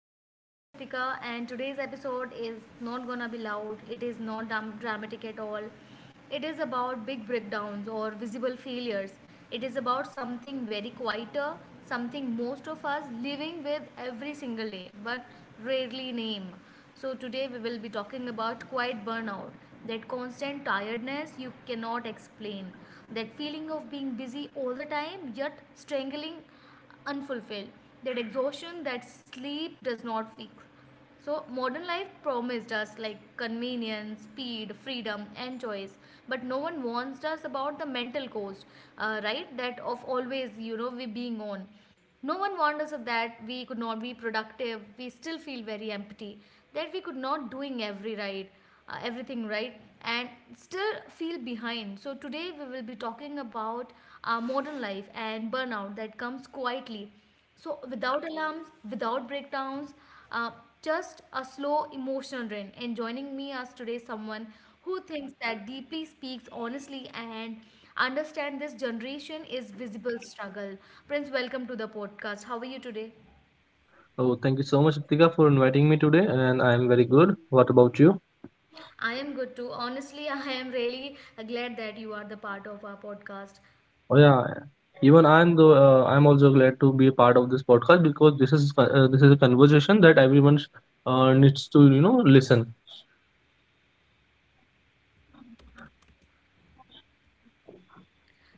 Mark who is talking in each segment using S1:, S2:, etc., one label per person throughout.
S1: I am your host Ritika and today's episode is not gonna be loud. It is not dramatic at all. It is about big breakdowns or visible failures. It is about something very quieter, something most of us living with every single day but rarely name. So today we will be talking about quiet burnout, that constant tiredness you cannot explain, that feeling of being busy all the time yet strangling unfulfilled, that exhaustion that sleep does not fix. So modern life promised us like convenience, speed, freedom, and choice, but no one warns us about the mental cost, right? That of always, we being on. No one warned us of that. We could not be productive. We still feel very empty. That we could not doing everything right, and still feel behind. So today we will be talking about modern life and burnout that comes quietly, so without alarms, without breakdowns, uh, just a slow emotional drain. And joining me as today someone who thinks that deeply, speaks honestly, and understand this generation is visible struggle. Prince, welcome to the podcast. How are you today?
S2: Oh, thank you so much, Ritika, for inviting me today, and I am very good. What about you?
S1: I am good too. Honestly, I am really glad that you are the part of our podcast.
S2: Oh yeah, even I'm also glad to be a part of this podcast because this is a conversation that everyone needs to listen.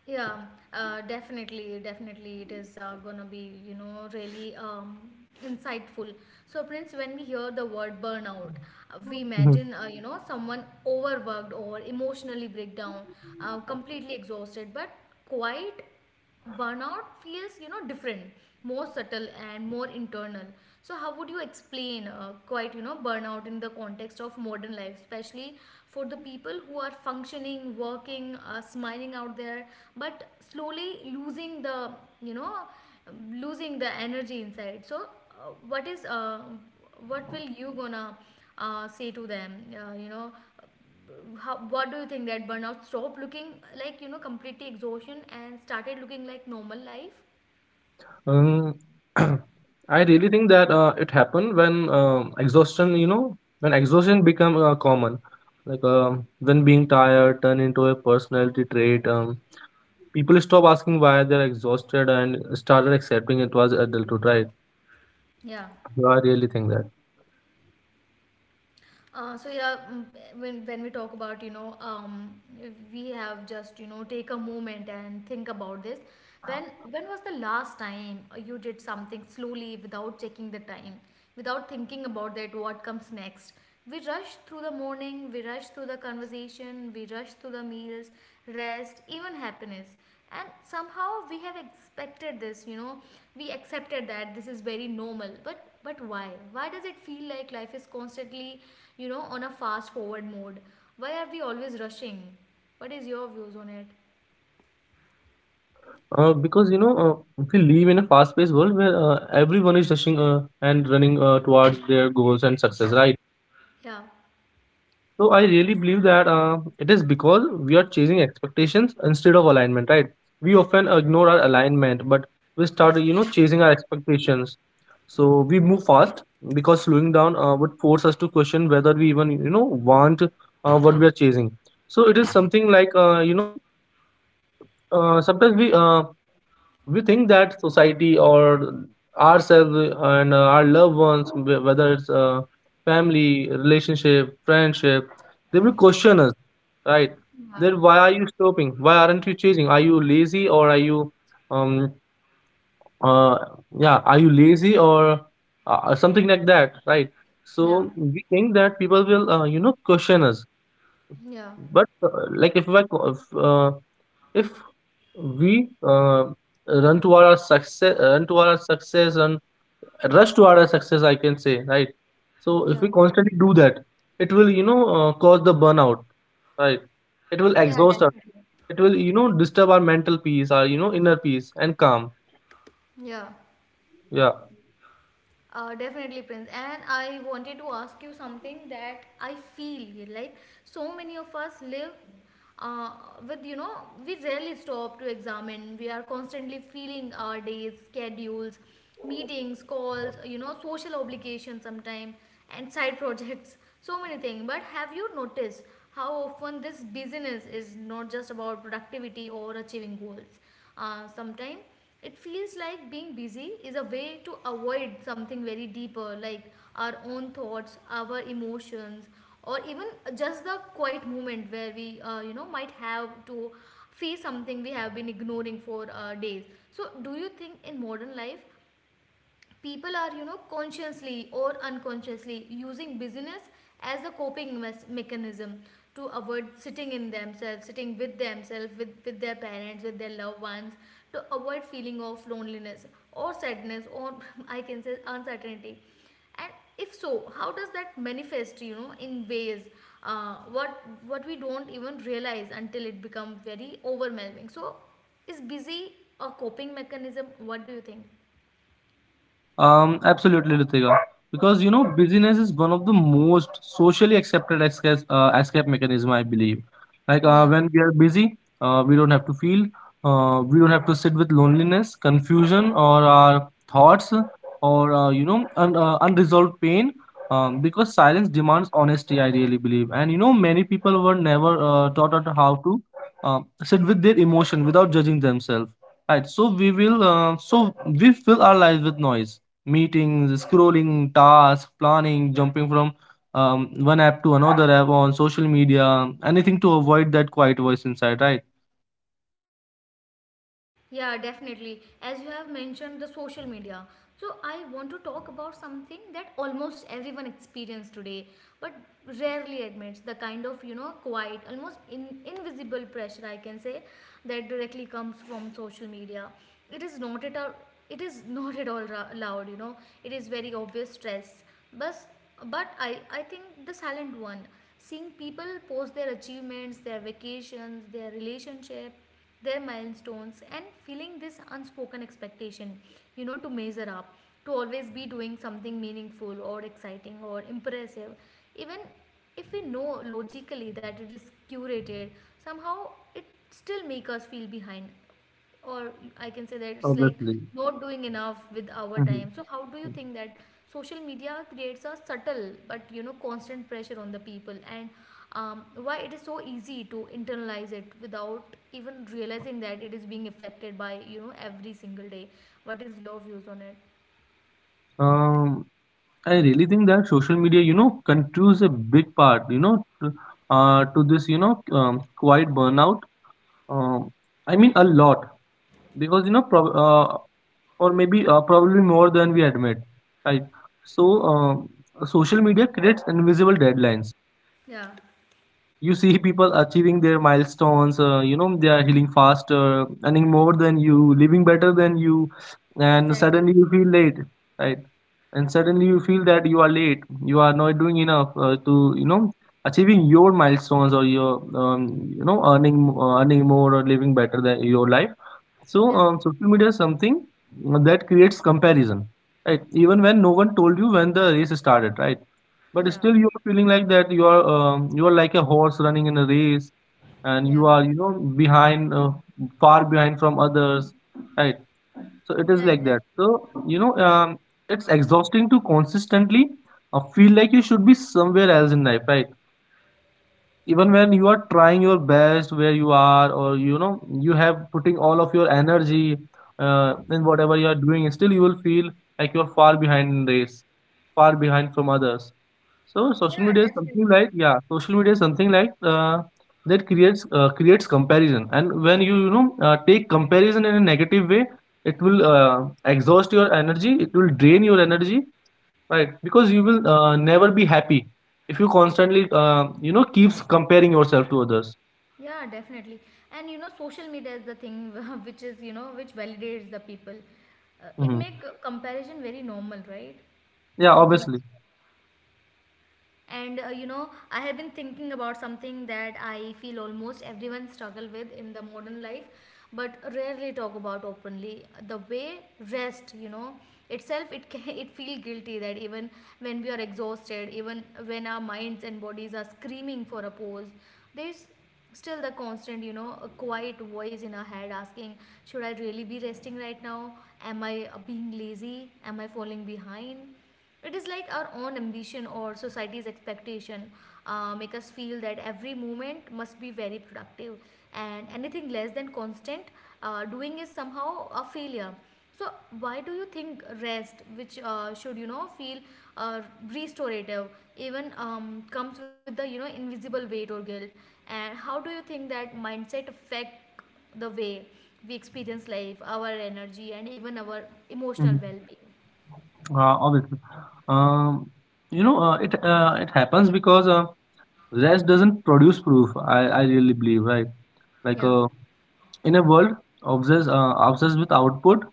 S1: Yeah, definitely, definitely, it is gonna be, really insightful. So, Prince, when we hear the word burnout, we
S2: Mhm.
S1: imagine, someone overworked or emotionally breakdown, completely exhausted, but quite burnout feels, you know, different, more subtle and more internal. So how would you explain quite, you know, burnout in the context of modern life, especially for the people who are functioning, working, smiling out there but slowly losing the, you know, losing the energy inside? So what is what will you gonna say to them you know, what do you think that burnout stopped looking like, you know, completely exhaustion and started looking like normal life?
S2: Um, I really think that it happened when exhaustion become common, like when being tired turned into a personality trait. People stop asking why they're exhausted and started accepting it was adulthood, right?
S1: Yeah.
S2: I really think that.
S1: So when we talk about, you know, if we have just, you know, take a moment and think about this, when when was the last time you did something slowly without checking the time, without thinking about that what comes next? We rush through the morning, we rush through the conversation, we rush through the meals, rest, even happiness, and somehow we have expected this, you know, we accepted that this is very normal. But why does it feel like life is constantly, you know, on a fast forward mode? Why are we always rushing? What is your views on it?
S2: Because we live in a fast-paced world where everyone is rushing and running towards their goals and success, right?
S1: Yeah.
S2: So I really believe that it is because we are chasing expectations instead of alignment, right? We often ignore our alignment, but we start, chasing our expectations. So we move fast because slowing down would force us to question whether we even, want what we are chasing. So it is something like, sometimes we think that society, or ourselves, and our loved ones, whether it's family, relationship, friendship, they will question us, right?
S1: Yeah.
S2: Then why are you stopping, why aren't you changing, are you lazy, or are you, um uh yeah, are you lazy, or something like that, right?
S1: Yeah,
S2: So we think that people will question us.
S1: yeah,
S2: But like, if, I, co- if we run toward our success and rush toward our success, I can say, right? So if
S1: yeah,
S2: we constantly do that, it will cause the burnout, right? It will
S1: yeah,
S2: exhaust us.
S1: definitely.
S2: It will disturb our mental peace, our inner peace and calm.
S1: Yeah.
S2: Yeah.
S1: Definitely, Prince. And I wanted to ask you something that I feel like so many of us live uh, with, you know, we rarely stop to examine. We are constantly feeling our days, schedules, meetings, calls, you know, social obligations sometimes, and side projects, so many things. But have you noticed how often this busyness is not just about productivity or achieving goals? Sometimes it feels like being busy is a way to avoid something very deeper, like our own thoughts, our emotions, or even just the quiet moment where we, might have to face something we have been ignoring for days. So, do you think in modern life people are, you know, consciously or unconsciously using busyness as a mechanism to avoid sitting in themselves, sitting with themselves, with their parents, with their loved ones, to avoid feeling of loneliness or sadness or I can say uncertainty? And if so, how does that manifest, you know, in ways what we don't even realize until it becomes very overwhelming? So is busy a coping mechanism? What do you think?
S2: Absolutely, Ritika. Because, busyness is one of the most socially accepted escape mechanism, I believe. Like,
S1: Yeah.
S2: when we are busy, we don't have to feel, we don't have to sit with loneliness, confusion, or our thoughts, or unresolved pain. Because silence demands honesty, I really believe. And, many people were never taught out how to sit with their emotion without judging themselves. Right. So we fill our lives with noise: meetings, scrolling, tasks, planning, jumping from one app to another app on social media, anything to avoid that quiet voice inside, right?
S1: Yeah, definitely. As you have mentioned, the social media. So, I want to talk about something that almost everyone experiences today, but rarely admits, the kind of, you know, quiet, almost invisible pressure, I can say, that directly comes from social media. It is not at all, it is not at all ra- loud, you know, it is very obvious stress. But, I think the silent one, seeing people post their achievements, their vacations, their relationship, their milestones, and feeling this unspoken expectation, you know, to measure up, to always be doing something meaningful or exciting or impressive. Even if we know logically that it is curated, somehow it still make us feel behind, or I can say that it's like
S2: Obviously.
S1: not doing enough with our
S2: Mhm.
S1: time. So how do you think that social media creates a subtle but, you know, constant pressure on the people? And why it is so easy to internalize it without even realizing that it is being affected by, you know, every single day? What is your views on it?
S2: Um, I really think that social media, contributes a big part, to, to this, quiet burnout. Um, I mean, a lot, because, you know, prob or maybe, probably more than we admit, right? So, social media creates invisible deadlines.
S1: Yeah,
S2: You see people achieving their milestones, they are healing faster, earning more than you, living better than you, and suddenly
S1: exactly.
S2: you feel late, right? And suddenly you feel that you are late, you are not doing enough to, achieving your milestones, or your, earning more, or living better than your life. So,
S1: Yeah,
S2: social media is something that creates comparison, right? Even when no one told you when the race started, right? But
S1: yeah,
S2: still, you are feeling like that you are like a horse running in a race, and
S1: yeah,
S2: you are, behind, far behind from others, right? So it is
S1: yeah,
S2: like that.
S1: exactly.
S2: So, you know, um, it's exhausting to consistently feel like you should be somewhere else in life, right? Even when you are trying your best where you are, or, you have putting all of your energy in whatever you are doing, still you will feel like you are far behind in race, far behind from others. So,
S1: Yeah, definitely.
S2: social media is something like, that creates comparison. And when you know take comparison in a negative way, it will exhaust your energy, it will drain your energy, right? Because you will never be happy if you constantly keeps comparing yourself to others.
S1: Yeah, definitely. And you know, social media is the thing which is, you know, which validates the people. Uh, it
S2: Hmm.
S1: make uh, comparison very normal, right?
S2: Yeah,
S1: As you Yes.
S2: obviously.
S1: And, you know, I have been thinking about something that I feel almost everyone struggle with in the modern life, but rarely talk about openly, the way rest, you know, itself it can, it feel guilty that even when we are exhausted, even when our minds and bodies are screaming for a pause, there's still the constant, you know, a quiet voice in our head asking, should I really be resting right now? Am I being lazy? Am I falling behind? It is like our own ambition or society's expectation make us feel that every moment must be very productive, and anything less than constant doing is somehow a failure. So why do you think rest, which should, you know, feel uh, restorative, even comes with the, you know, invisible weight or guilt? And how do you think that mindset affect the way we experience life, our energy, and even our emotional
S2: hmm
S1: well-being?
S2: Obviously. um, it happens because, rest doesn't produce proof, I really believe, right? Like,
S1: Yeah.
S2: in a world obsessed with output,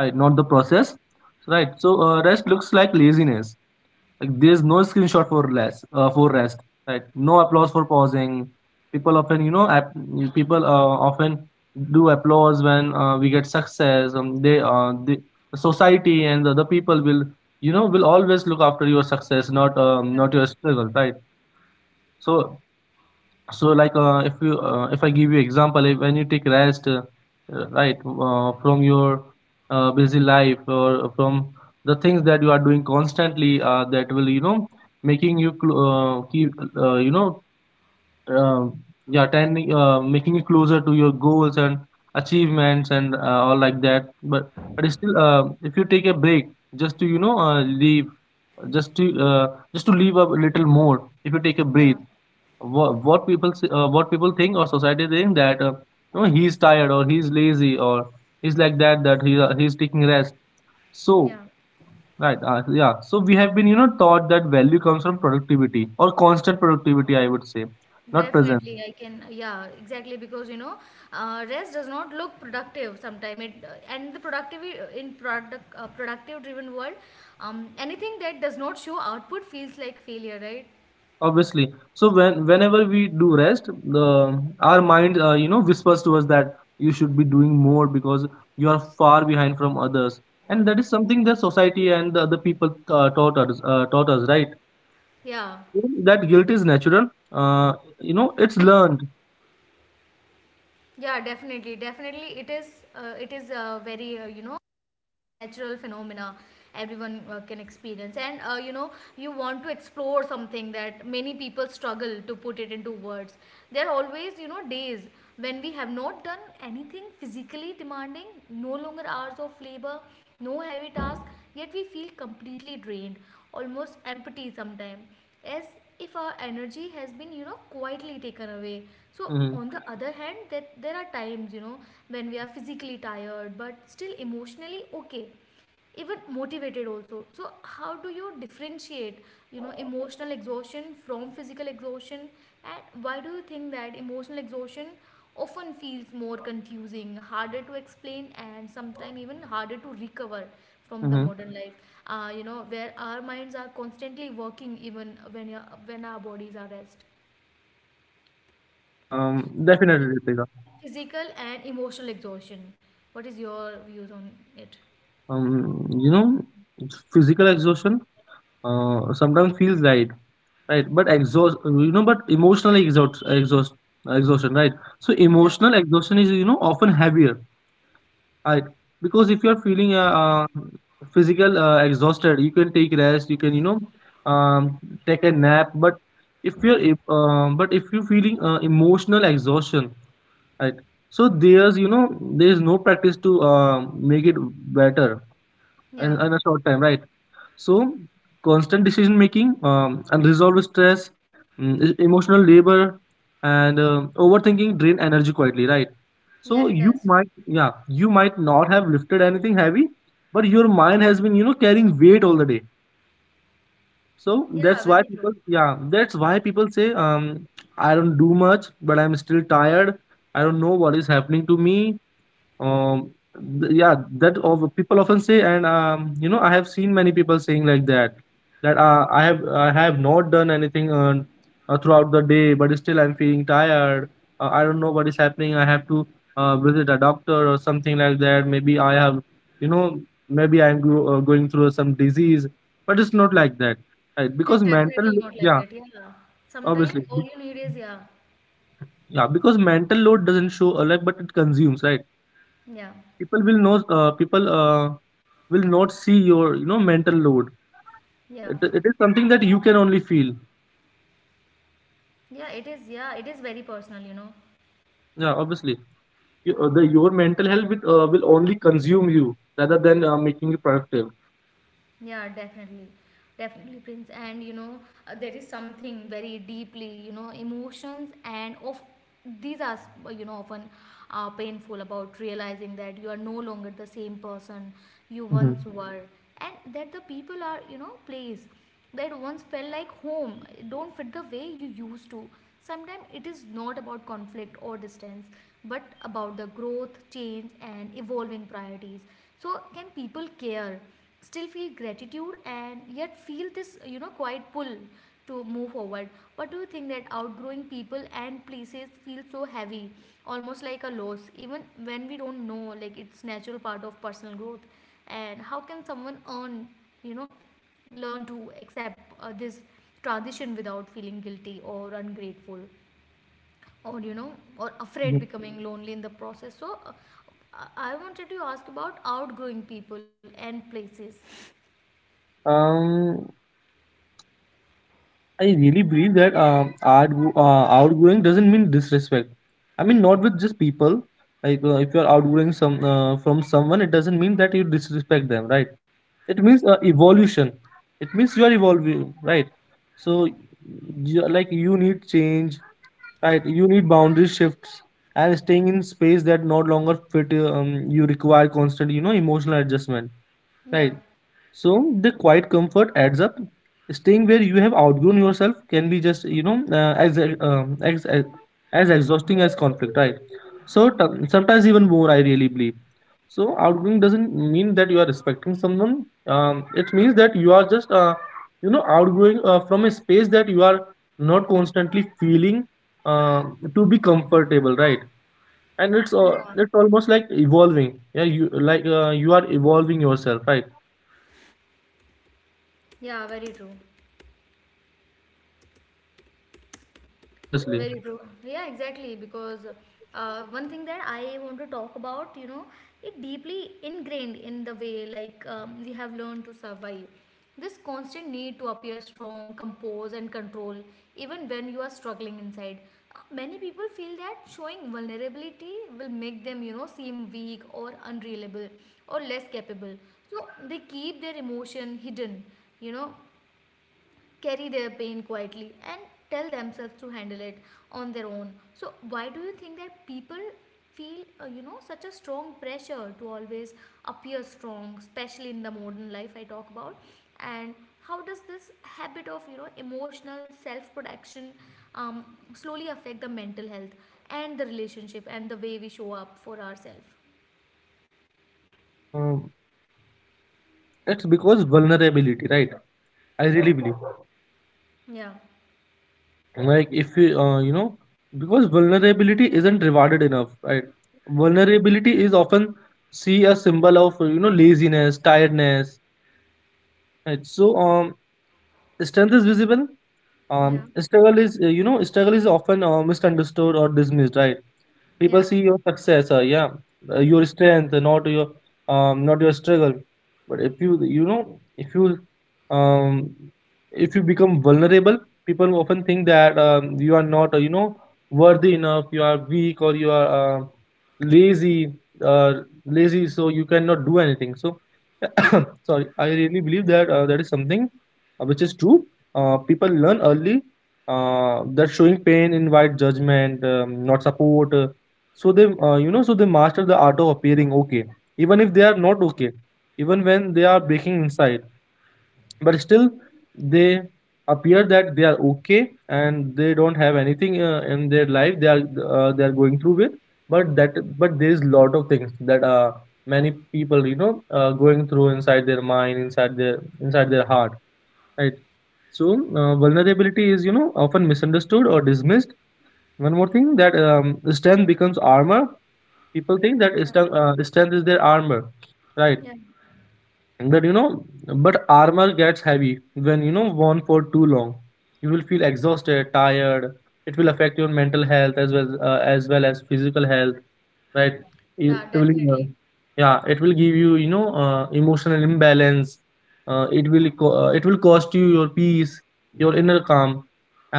S2: right? Not the process, right? So, rest looks like laziness. Like, there's no screenshot for less for rest, right? No applause for pausing. People often, people uh, often do applause when we get success. The society and the other people will, will always look after your success, not your struggle, right? So so, like, if I give you example, if, when you take rest, right from your busy life, or from the things that you are doing constantly, that will, making you cl- keep you know uh, yeah tending making you closer to your goals and achievements and all like that. But still, if you take a break, just to, just to uh, just to leave a little more, if you take a breath,
S1: Yeah,
S2: what people think, or society think, that he's tired, or he's lazy, or he's like that, he's taking rest, so,
S1: yeah,
S2: right. Uh, yeah so we have been, taught that value comes from productivity, or constant productivity, I would say, not present.
S1: definitely. I can, yeah, exactly. Because, you know, rest does not look productive sometimes. It And the productive in product productive driven world, anything that does not show output feels like failure, right?
S2: Obviously. So whenever we do rest, the our mind whispers to us that you should be doing more because you are far behind from others. And that is something that society and the other people taught us, right.
S1: Yeah,
S2: That guilt is natural. It's learned.
S1: yeah, definitely, definitely. It is very natural phenomena everyone can experience. And, you know, you want to explore something that many people struggle to put it into words. There are always, you know, days when we have not done anything physically demanding, no longer hours of labor, no heavy task, yet we feel completely drained, almost empty sometimes, as if our energy has been, you know, quietly taken away. So
S2: Hmm.
S1: on the other hand, that there are times, you know, when we are physically tired but still emotionally okay, even motivated also. So how do you differentiate, you know, emotional exhaustion from physical exhaustion, and why do you think that emotional exhaustion often feels more confusing, harder to explain, and sometimes even harder to recover from the
S2: Hmm.
S1: modern life, you know, where our minds are constantly working even when your when our bodies are rest? So yeah,
S2: Definitely, Ritika.
S1: physical and emotional exhaustion, what is your views on it?
S2: Um, you know, Physical exhaustion sometimes feels right, right? But emotional exhaustion, right? So
S1: Yeah.
S2: emotional exhaustion is, often heavier. I, because if you're feeling physical exhausted, you can take rest. You can, um, take a nap. But, if you're feeling emotional exhaustion, right? So there's you know there's no practice to make it better in,
S1: Yeah.
S2: in a short time, right? So, constant decision making, unresolved stress, emotional labor, and overthinking drain energy quietly, right?
S1: Yeah,
S2: So
S1: it
S2: you
S1: does.
S2: might, yeah, you might not have lifted anything heavy, but your mind has been, carrying weight all the day. So
S1: Yeah, very true.
S2: that's why people say, I don't do much, but I'm still tired. I don't know what is happening to me. Um th- yeah that of people often say. And, I have seen many people saying like that, that I have not done anything, throughout the day, but still I'm feeling tired. Uh, I don't know what is happening, I have to visit a doctor or something like that. Maybe I have, you know maybe I'm going through some disease. But it's not like that, right,
S1: It is
S2: because mental.
S1: definitely not like
S2: Yeah,
S1: that. Yeah, sometimes
S2: obviously.
S1: all you need is Yeah.
S2: Yeah, because mental load doesn't show, like, but it consumes, right?
S1: Yeah,
S2: People will know uh, people will not see your, mental load.
S1: yeah.
S2: It is something that you can only feel.
S1: Yeah, it is, yeah, it is very personal, you know.
S2: Yeah, obviously. Your mental health will only consume you, rather than making you productive.
S1: Yeah, definitely. Definitely, Prince. And you know, there is something very deeply, you know, emotions and of these are, you know, often painful about realizing that you are no longer the same person you once
S2: Hmm.
S1: were, and that the people are, you know, place that once felt like home don't fit the way you used to. Sometimes it is not about conflict or distance, but about the growth, change, and evolving priorities. So, can people care, still feel gratitude, and yet feel this, you know, quiet pull to move forward? What do you think that outgrowing people and places feel so heavy, almost like a loss, even when we don't know, like it's natural part of personal growth? And how can someone earn, you know? learn to accept this transition without feeling guilty or ungrateful or, you know, or afraid becoming lonely in the process? So I wanted to ask about outgrowing people and places.
S2: um I really believe that outgoing doesn't mean disrespect. I mean, not with just people. Like, if you're outgoing some from someone, it doesn't mean that you disrespect them, right? It means, evolution. It means you are evolving, right? So, like, you need change, right? You need boundary shifts, and staying in space that no longer fit. You require constant, emotional adjustment,
S1: Yeah.
S2: right? So the quiet comfort adds up. Staying where you have outgrown yourself can be just, as exhausting as conflict, right? So, sometimes even more, I really believe. So, outgrowing doesn't mean that you are respecting someone. It means that you are just, outgrowing from a space that you are not constantly feeling uh, to be comfortable, right? And it's uh,
S1: Yeah,
S2: it's almost like evolving. Yeah, you like, you are evolving yourself, right?
S1: yeah, very true.
S2: Yeah, obviously.
S1: Very true. Yeah, exactly. Because one thing that I want to talk about, you know, it deeply ingrained in the way like, we have learned to survive. This constant need to appear strong, compose, and control, even when you are struggling inside. Many people feel that showing vulnerability will make them, seem weak or unreliable or less capable. So they keep their emotion hidden, you know, carry their pain quietly and tell themselves to handle it on their own. So why do you think that people feel such a strong pressure to always appear strong, especially in the modern life I talk about? And how does this habit of emotional self protection um, slowly affect the mental health and the relationship and the way we show up for ourselves?
S2: Um, it's because vulnerability, right? I really believe.
S1: Yeah.
S2: Like if you, because vulnerability isn't rewarded enough, right? Vulnerability is often see a symbol of laziness, tiredness. Right? So strength is visible.
S1: Yeah.
S2: Struggle is struggle is often misunderstood or dismissed, right? People
S1: Yeah.
S2: see your success, yeah, your strength, not your not your struggle. But if you you know um, if you become vulnerable, people often think that you are not worthy enough, you are weak or you are lazy, uh, lazy, so you cannot do anything. So sorry, I really believe that that is something which is true. People learn early that showing pain invite judgment, not support. So they master the art of appearing okay, even if they are not okay, even when they are breaking inside, but still they appear that they are okay, and they don't have anything in their life they are going through with. But there is lot of things that many people going through inside their mind, inside their heart, right? So vulnerability is often misunderstood or dismissed. One more thing that strength becomes armor. People think that
S1: Yeah.
S2: strength, strength is their armor, right?
S1: Yeah.
S2: That you know but armor gets heavy when worn for too long. You will feel exhausted, tired. It will affect your mental health as well as well as physical health, right? it
S1: Yeah,
S2: it will
S1: definitely.
S2: Yeah, it will give you you know emotional imbalance. It will cost you your peace, your inner calm.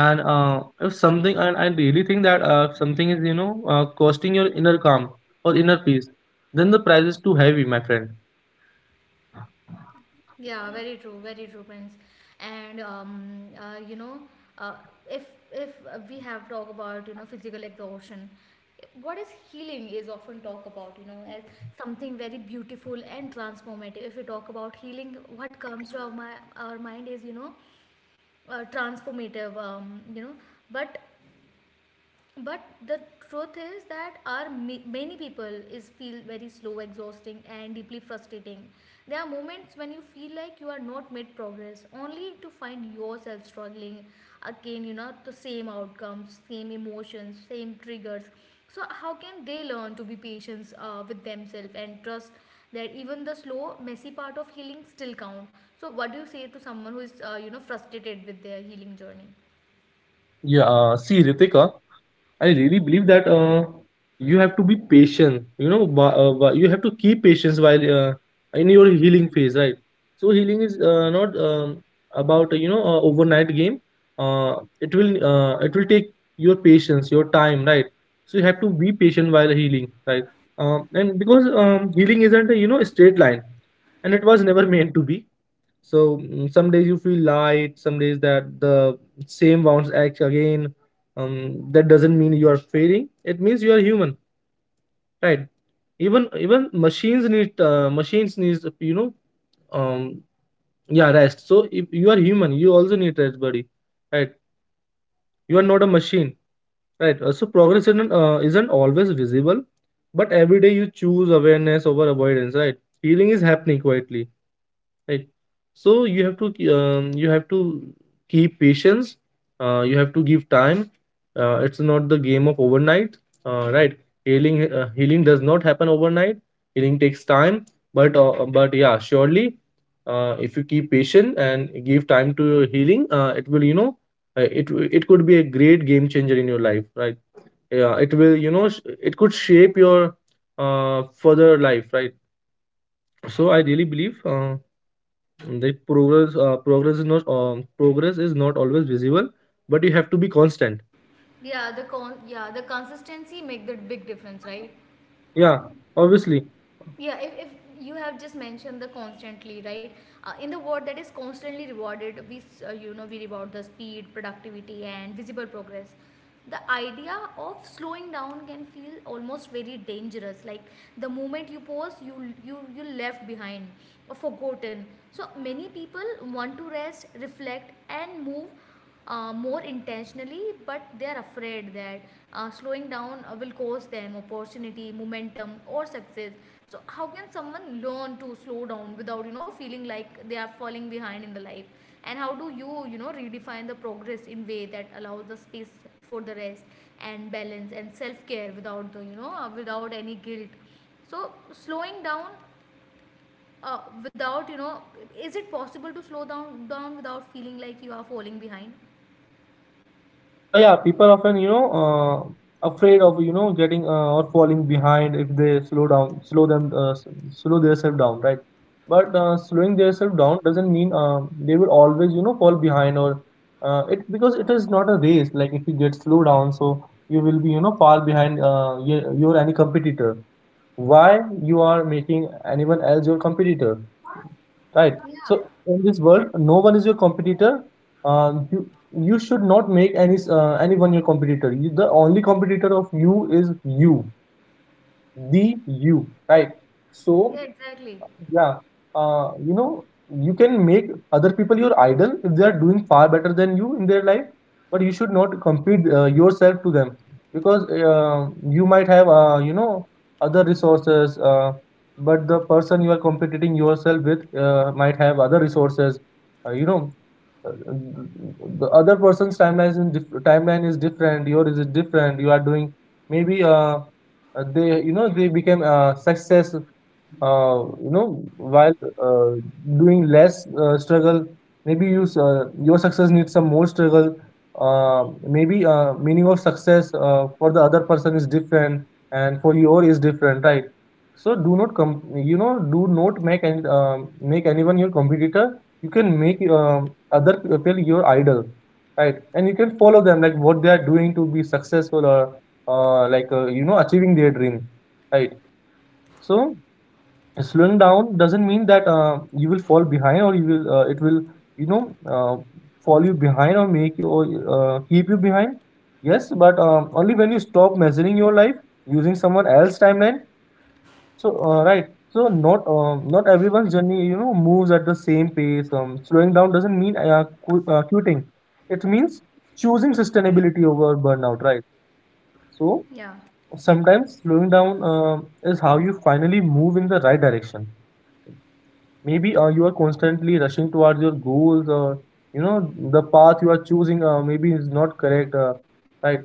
S2: And if something and I really think that if something is costing your inner calm or inner peace, then the price is too heavy, my friend.
S1: Yeah, very true, Prince. And uh, if if we have talk about physical exhaustion, what is healing is often talked about as something very beautiful and transformative. If we talk about healing, what comes to our, our mind is transformative. But but the truth is that our many people is feel very slow, exhausting and deeply frustrating. There are moments when you feel like you are not made progress, only to find yourself struggling again, the same outcomes, same emotions, same triggers. So how can they learn to be patient with themselves and trust that even the slow messy part of healing still count? So what do you say to someone who is frustrated with their healing journey?
S2: Yeah, see, Ritika, I really believe that you have to be patient. You know, you have to keep patience while in your healing phase, right? So healing is not about overnight game. It will take your patience, your time, right? So you have to be patient while healing, right? And because healing isn't a, straight line, and it was never meant to be. So, some days you feel light, some days that the same bounce acts again. Um, that doesn't mean you are failing, it means you are human, right? Even machines need machines needs um yeah, rest. So if you are human, you also need rest, buddy, right? You are not a machine, right? So progress isn't always visible, but every day you choose awareness over avoidance, right? Healing is happening quietly, right? So you have to keep patience. You have to give time. It's not the game of overnight, right? Healing does not happen overnight. Healing takes time. But yeah, surely, if you keep patient and give time to your healing, it will, it could be a great game changer in your life, right? Yeah, it will, it could shape your further life, right? So I really believe the progress progress is not, progress is not always visible, but you have to be constant.
S1: Yeah, the con yeah, the consistency make the big difference, right?
S2: Yeah, obviously.
S1: Yeah, if you have just mentioned the constantly, right? In the word that is constantly rewarded, we reward the speed, productivity, and visible progress. The idea of slowing down can feel almost very dangerous. Like the moment you pause, you left behind or forgotten. So many people want to rest, reflect, and move more intentionally, but they are afraid that slowing down will cost them opportunity, momentum, or success. So, how can someone learn to slow down without feeling like they are falling behind in the life? And how do you you know redefine the progress in way that allows the space for the rest and balance and self care without the without any guilt? So, slowing down. Without is it possible to slow down without feeling like you are falling behind?
S2: Oh yeah, people often afraid of getting or falling behind if they slow down, slow themselves down, right? But slowing themselves down doesn't mean they will always fall behind, or it because it is not a race. Like if you get slow down, so you will be far behind your any competitor. Why you are making anyone else your competitor, right? So
S1: Yeah.
S2: in this world, no one is your competitor. uh, you you should not make anyone your competitor. You, the only competitor of you, is you, the you, right? So
S1: Yeah, exactly.
S2: yeah. You know, you can make other people your idol if they are doing far better than you in their life, but you should not compete yourself to them, because you might have, other resources, but the person you are competing yourself with might have other resources. Uh, you know, uh, the other person's timeline is timeline is different, yours is different. You are doing maybe, they they became success, while uh, doing less struggle. Maybe your success needs some more struggle. Uh, maybe meaning of success for the other person is different, and for your is different, right? So do not com- you know do not make any make anyone your competitor. You can make other people your idol, right? And you can follow them, like what they are doing to be successful, or achieving their dream, right? So slowing down doesn't mean that you will fall behind, or you will it will you know uh, fall you behind or make you, or keep you behind. Yes, but only when you stop measuring your life using someone else's timeline. So, right. So not everyone's journey, moves at the same pace. Slowing down doesn't mean qu quitting. It means choosing sustainability over burnout, right? So
S1: Yeah.
S2: sometimes slowing down is how you finally move in the right direction. Maybe you are constantly rushing towards your goals, or the path you are choosing maybe is not correct, right?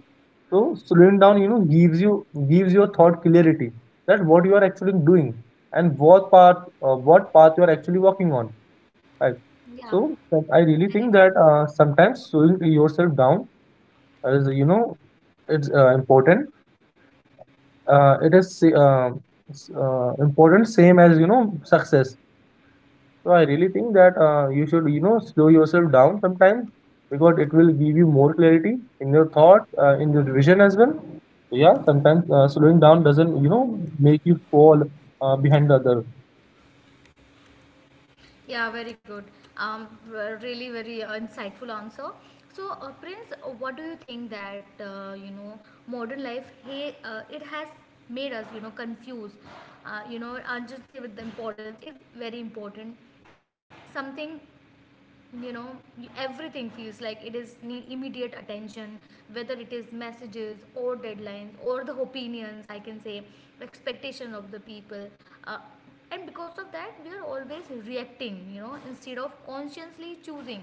S2: So slowing down, gives you, gives your thought clarity, that what you are actually doing and what path, what path you are actually working on, right?
S1: Yeah,
S2: So I really
S1: very
S2: think
S1: true.
S2: that sometimes slowing yourself down is, it's important. It is sa- s- Important, same as success. So I really think that you should, you know, slow yourself down sometimes, because it will give you more clarity in your thought, in your vision as well. So yeah, sometimes slowing down doesn't, you know, make you fall behind the other.
S1: Yeah, very good. Um, Really very insightful answer. So, Prince, what do you think that modern life? Hey, it has made us confused. And just say with the importance. It is very important. Something you know everything feels like it is need immediate attention, whether it is messages or deadlines or the opinions, I can say expectation of the people. uh, and because of that, we are always reacting, instead of consciously choosing.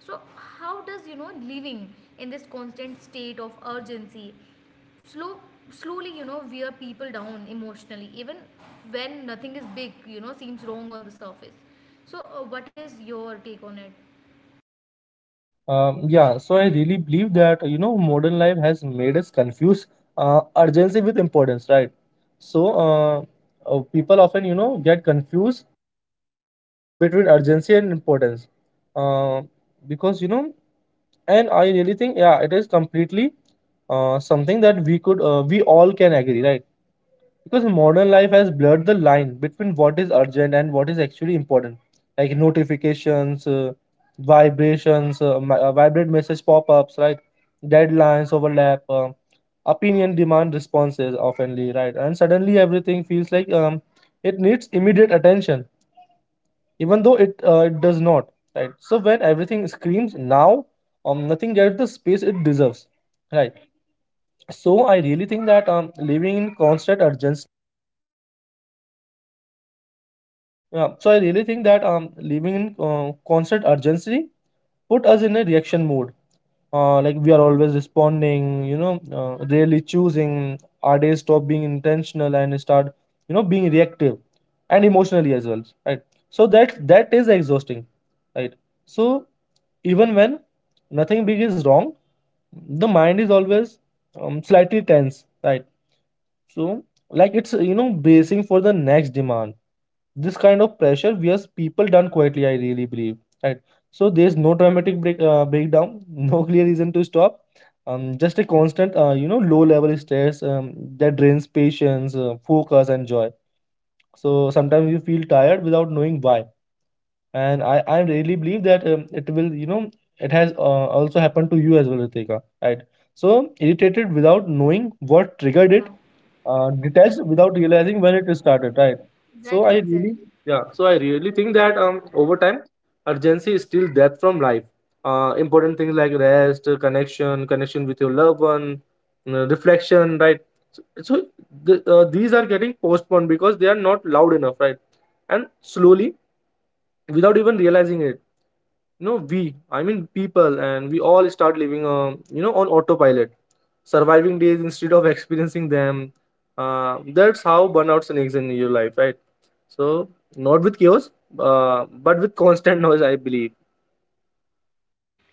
S1: So how does living in this constant state of urgency slow, slowly wear people down emotionally, even when nothing is big, seems wrong on the surface? So what is your take on it?
S2: Yeah, so I really believe that, you know, modern life has made us confuse urgency with importance, right? So people often, you know, get confused between urgency and importance. Uh, because you know And I really think, yeah, it is completely something that we could, we all can agree, right? Because modern life has blurred the line between what is urgent and what is actually important, like notifications, vibrations, vibrate message pop-ups, right? Deadlines overlap, opinion demand responses oftenly, right? And suddenly everything feels like it needs immediate attention, even though it does not, right? So when everything screams now, nothing gets the space it deserves, right? so I really think that living in constant urgency Yeah, so I really think that living in constant urgency put us in a reaction mode. Like we are always responding, rarely choosing. Our days stop being intentional and start, being reactive, and emotionally as well, right? So that is exhausting, right? So even when nothing big is wrong, the mind is always slightly tense, right? So, like it's, bracing for the next demand. This kind of pressure wears people down quietly, I really believe, right? So there's no dramatic breakdown, no clear reason to stop. Just a constant, low-level stress, that drains patience, focus, and joy. So sometimes you feel tired without knowing why, and I really believe that it will, you know it has also happened to you as well, Ritika, right? So irritated without knowing what triggered
S1: Yeah,
S2: it, detached without realizing when it started, right? so
S1: exactly,
S2: I really
S1: exactly.
S2: Yeah, so I really think that over time, urgency is still death from life. Important things like rest, connection with your loved one, reflection, right? so, so these are getting postponed because they are not loud enough, right? And slowly, without even realizing it, you know we I mean people, and we all start living, on autopilot, surviving days instead of experiencing them. Uh, that's how burnout sneaks in your life, right? So, not with chaos, but with constant noise, I believe.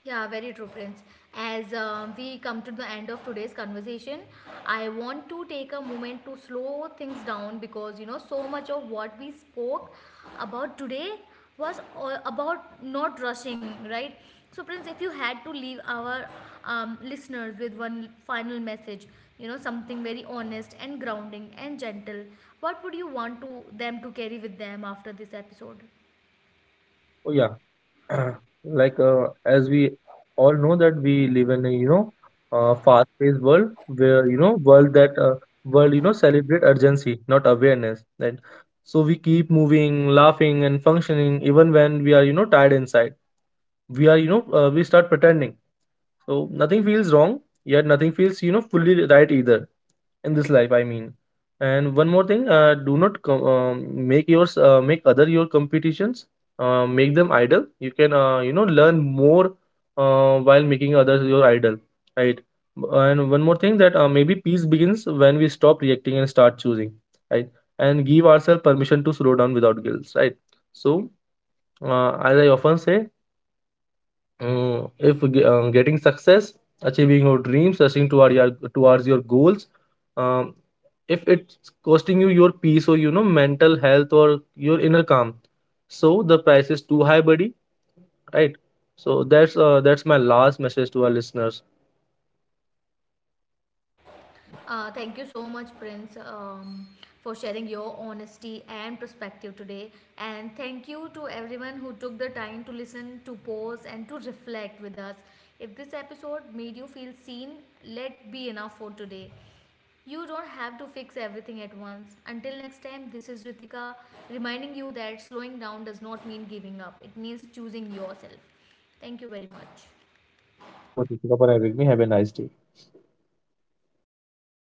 S1: Yeah, very true, Prince. As we come to the end of today's conversation, I want to take a moment to slow things down, because so much of what we spoke about today was all about not rushing, right? So, Prince, if you had to leave our listeners with one final message, something very honest and grounding and gentle, what would you want to them to carry with them after this episode?
S2: Oh yeah, uh, like as we all know that we live in a, fast-paced world, where you know world that world you know, celebrate urgency, not awareness, right? So we keep moving, laughing, and functioning, even when we are, you know, tired inside. We are, we start pretending, so nothing feels wrong, yet nothing feels, you know, fully right either, in this life, I mean. And one more thing, do not com- make yours make other your competitions. Make them idle. You can, learn more while making others your idol, right? And one more thing, that maybe peace begins when we stop reacting and start choosing, right? And give ourselves permission to slow down without guilt, right? So, as I often say, Mm, if ge- getting success, achieving your dreams, rushing towards your goals, um, if it's costing you your peace, or you know, mental health, or your inner calm, so the price is too high, buddy. Right. So that's my last message to our listeners.
S1: Thank you so much, Prince, for sharing your honesty and perspective today. And thank you to everyone who took the time to listen, to pause, and to reflect with us. If this episode made you feel seen, let be enough for today. You don't have to fix everything at once. Until next time, this is Ritika reminding you that slowing down does not mean giving up, it means choosing yourself. Thank you very much.
S2: Thank you so much, Ritika, for having me. Have a nice day.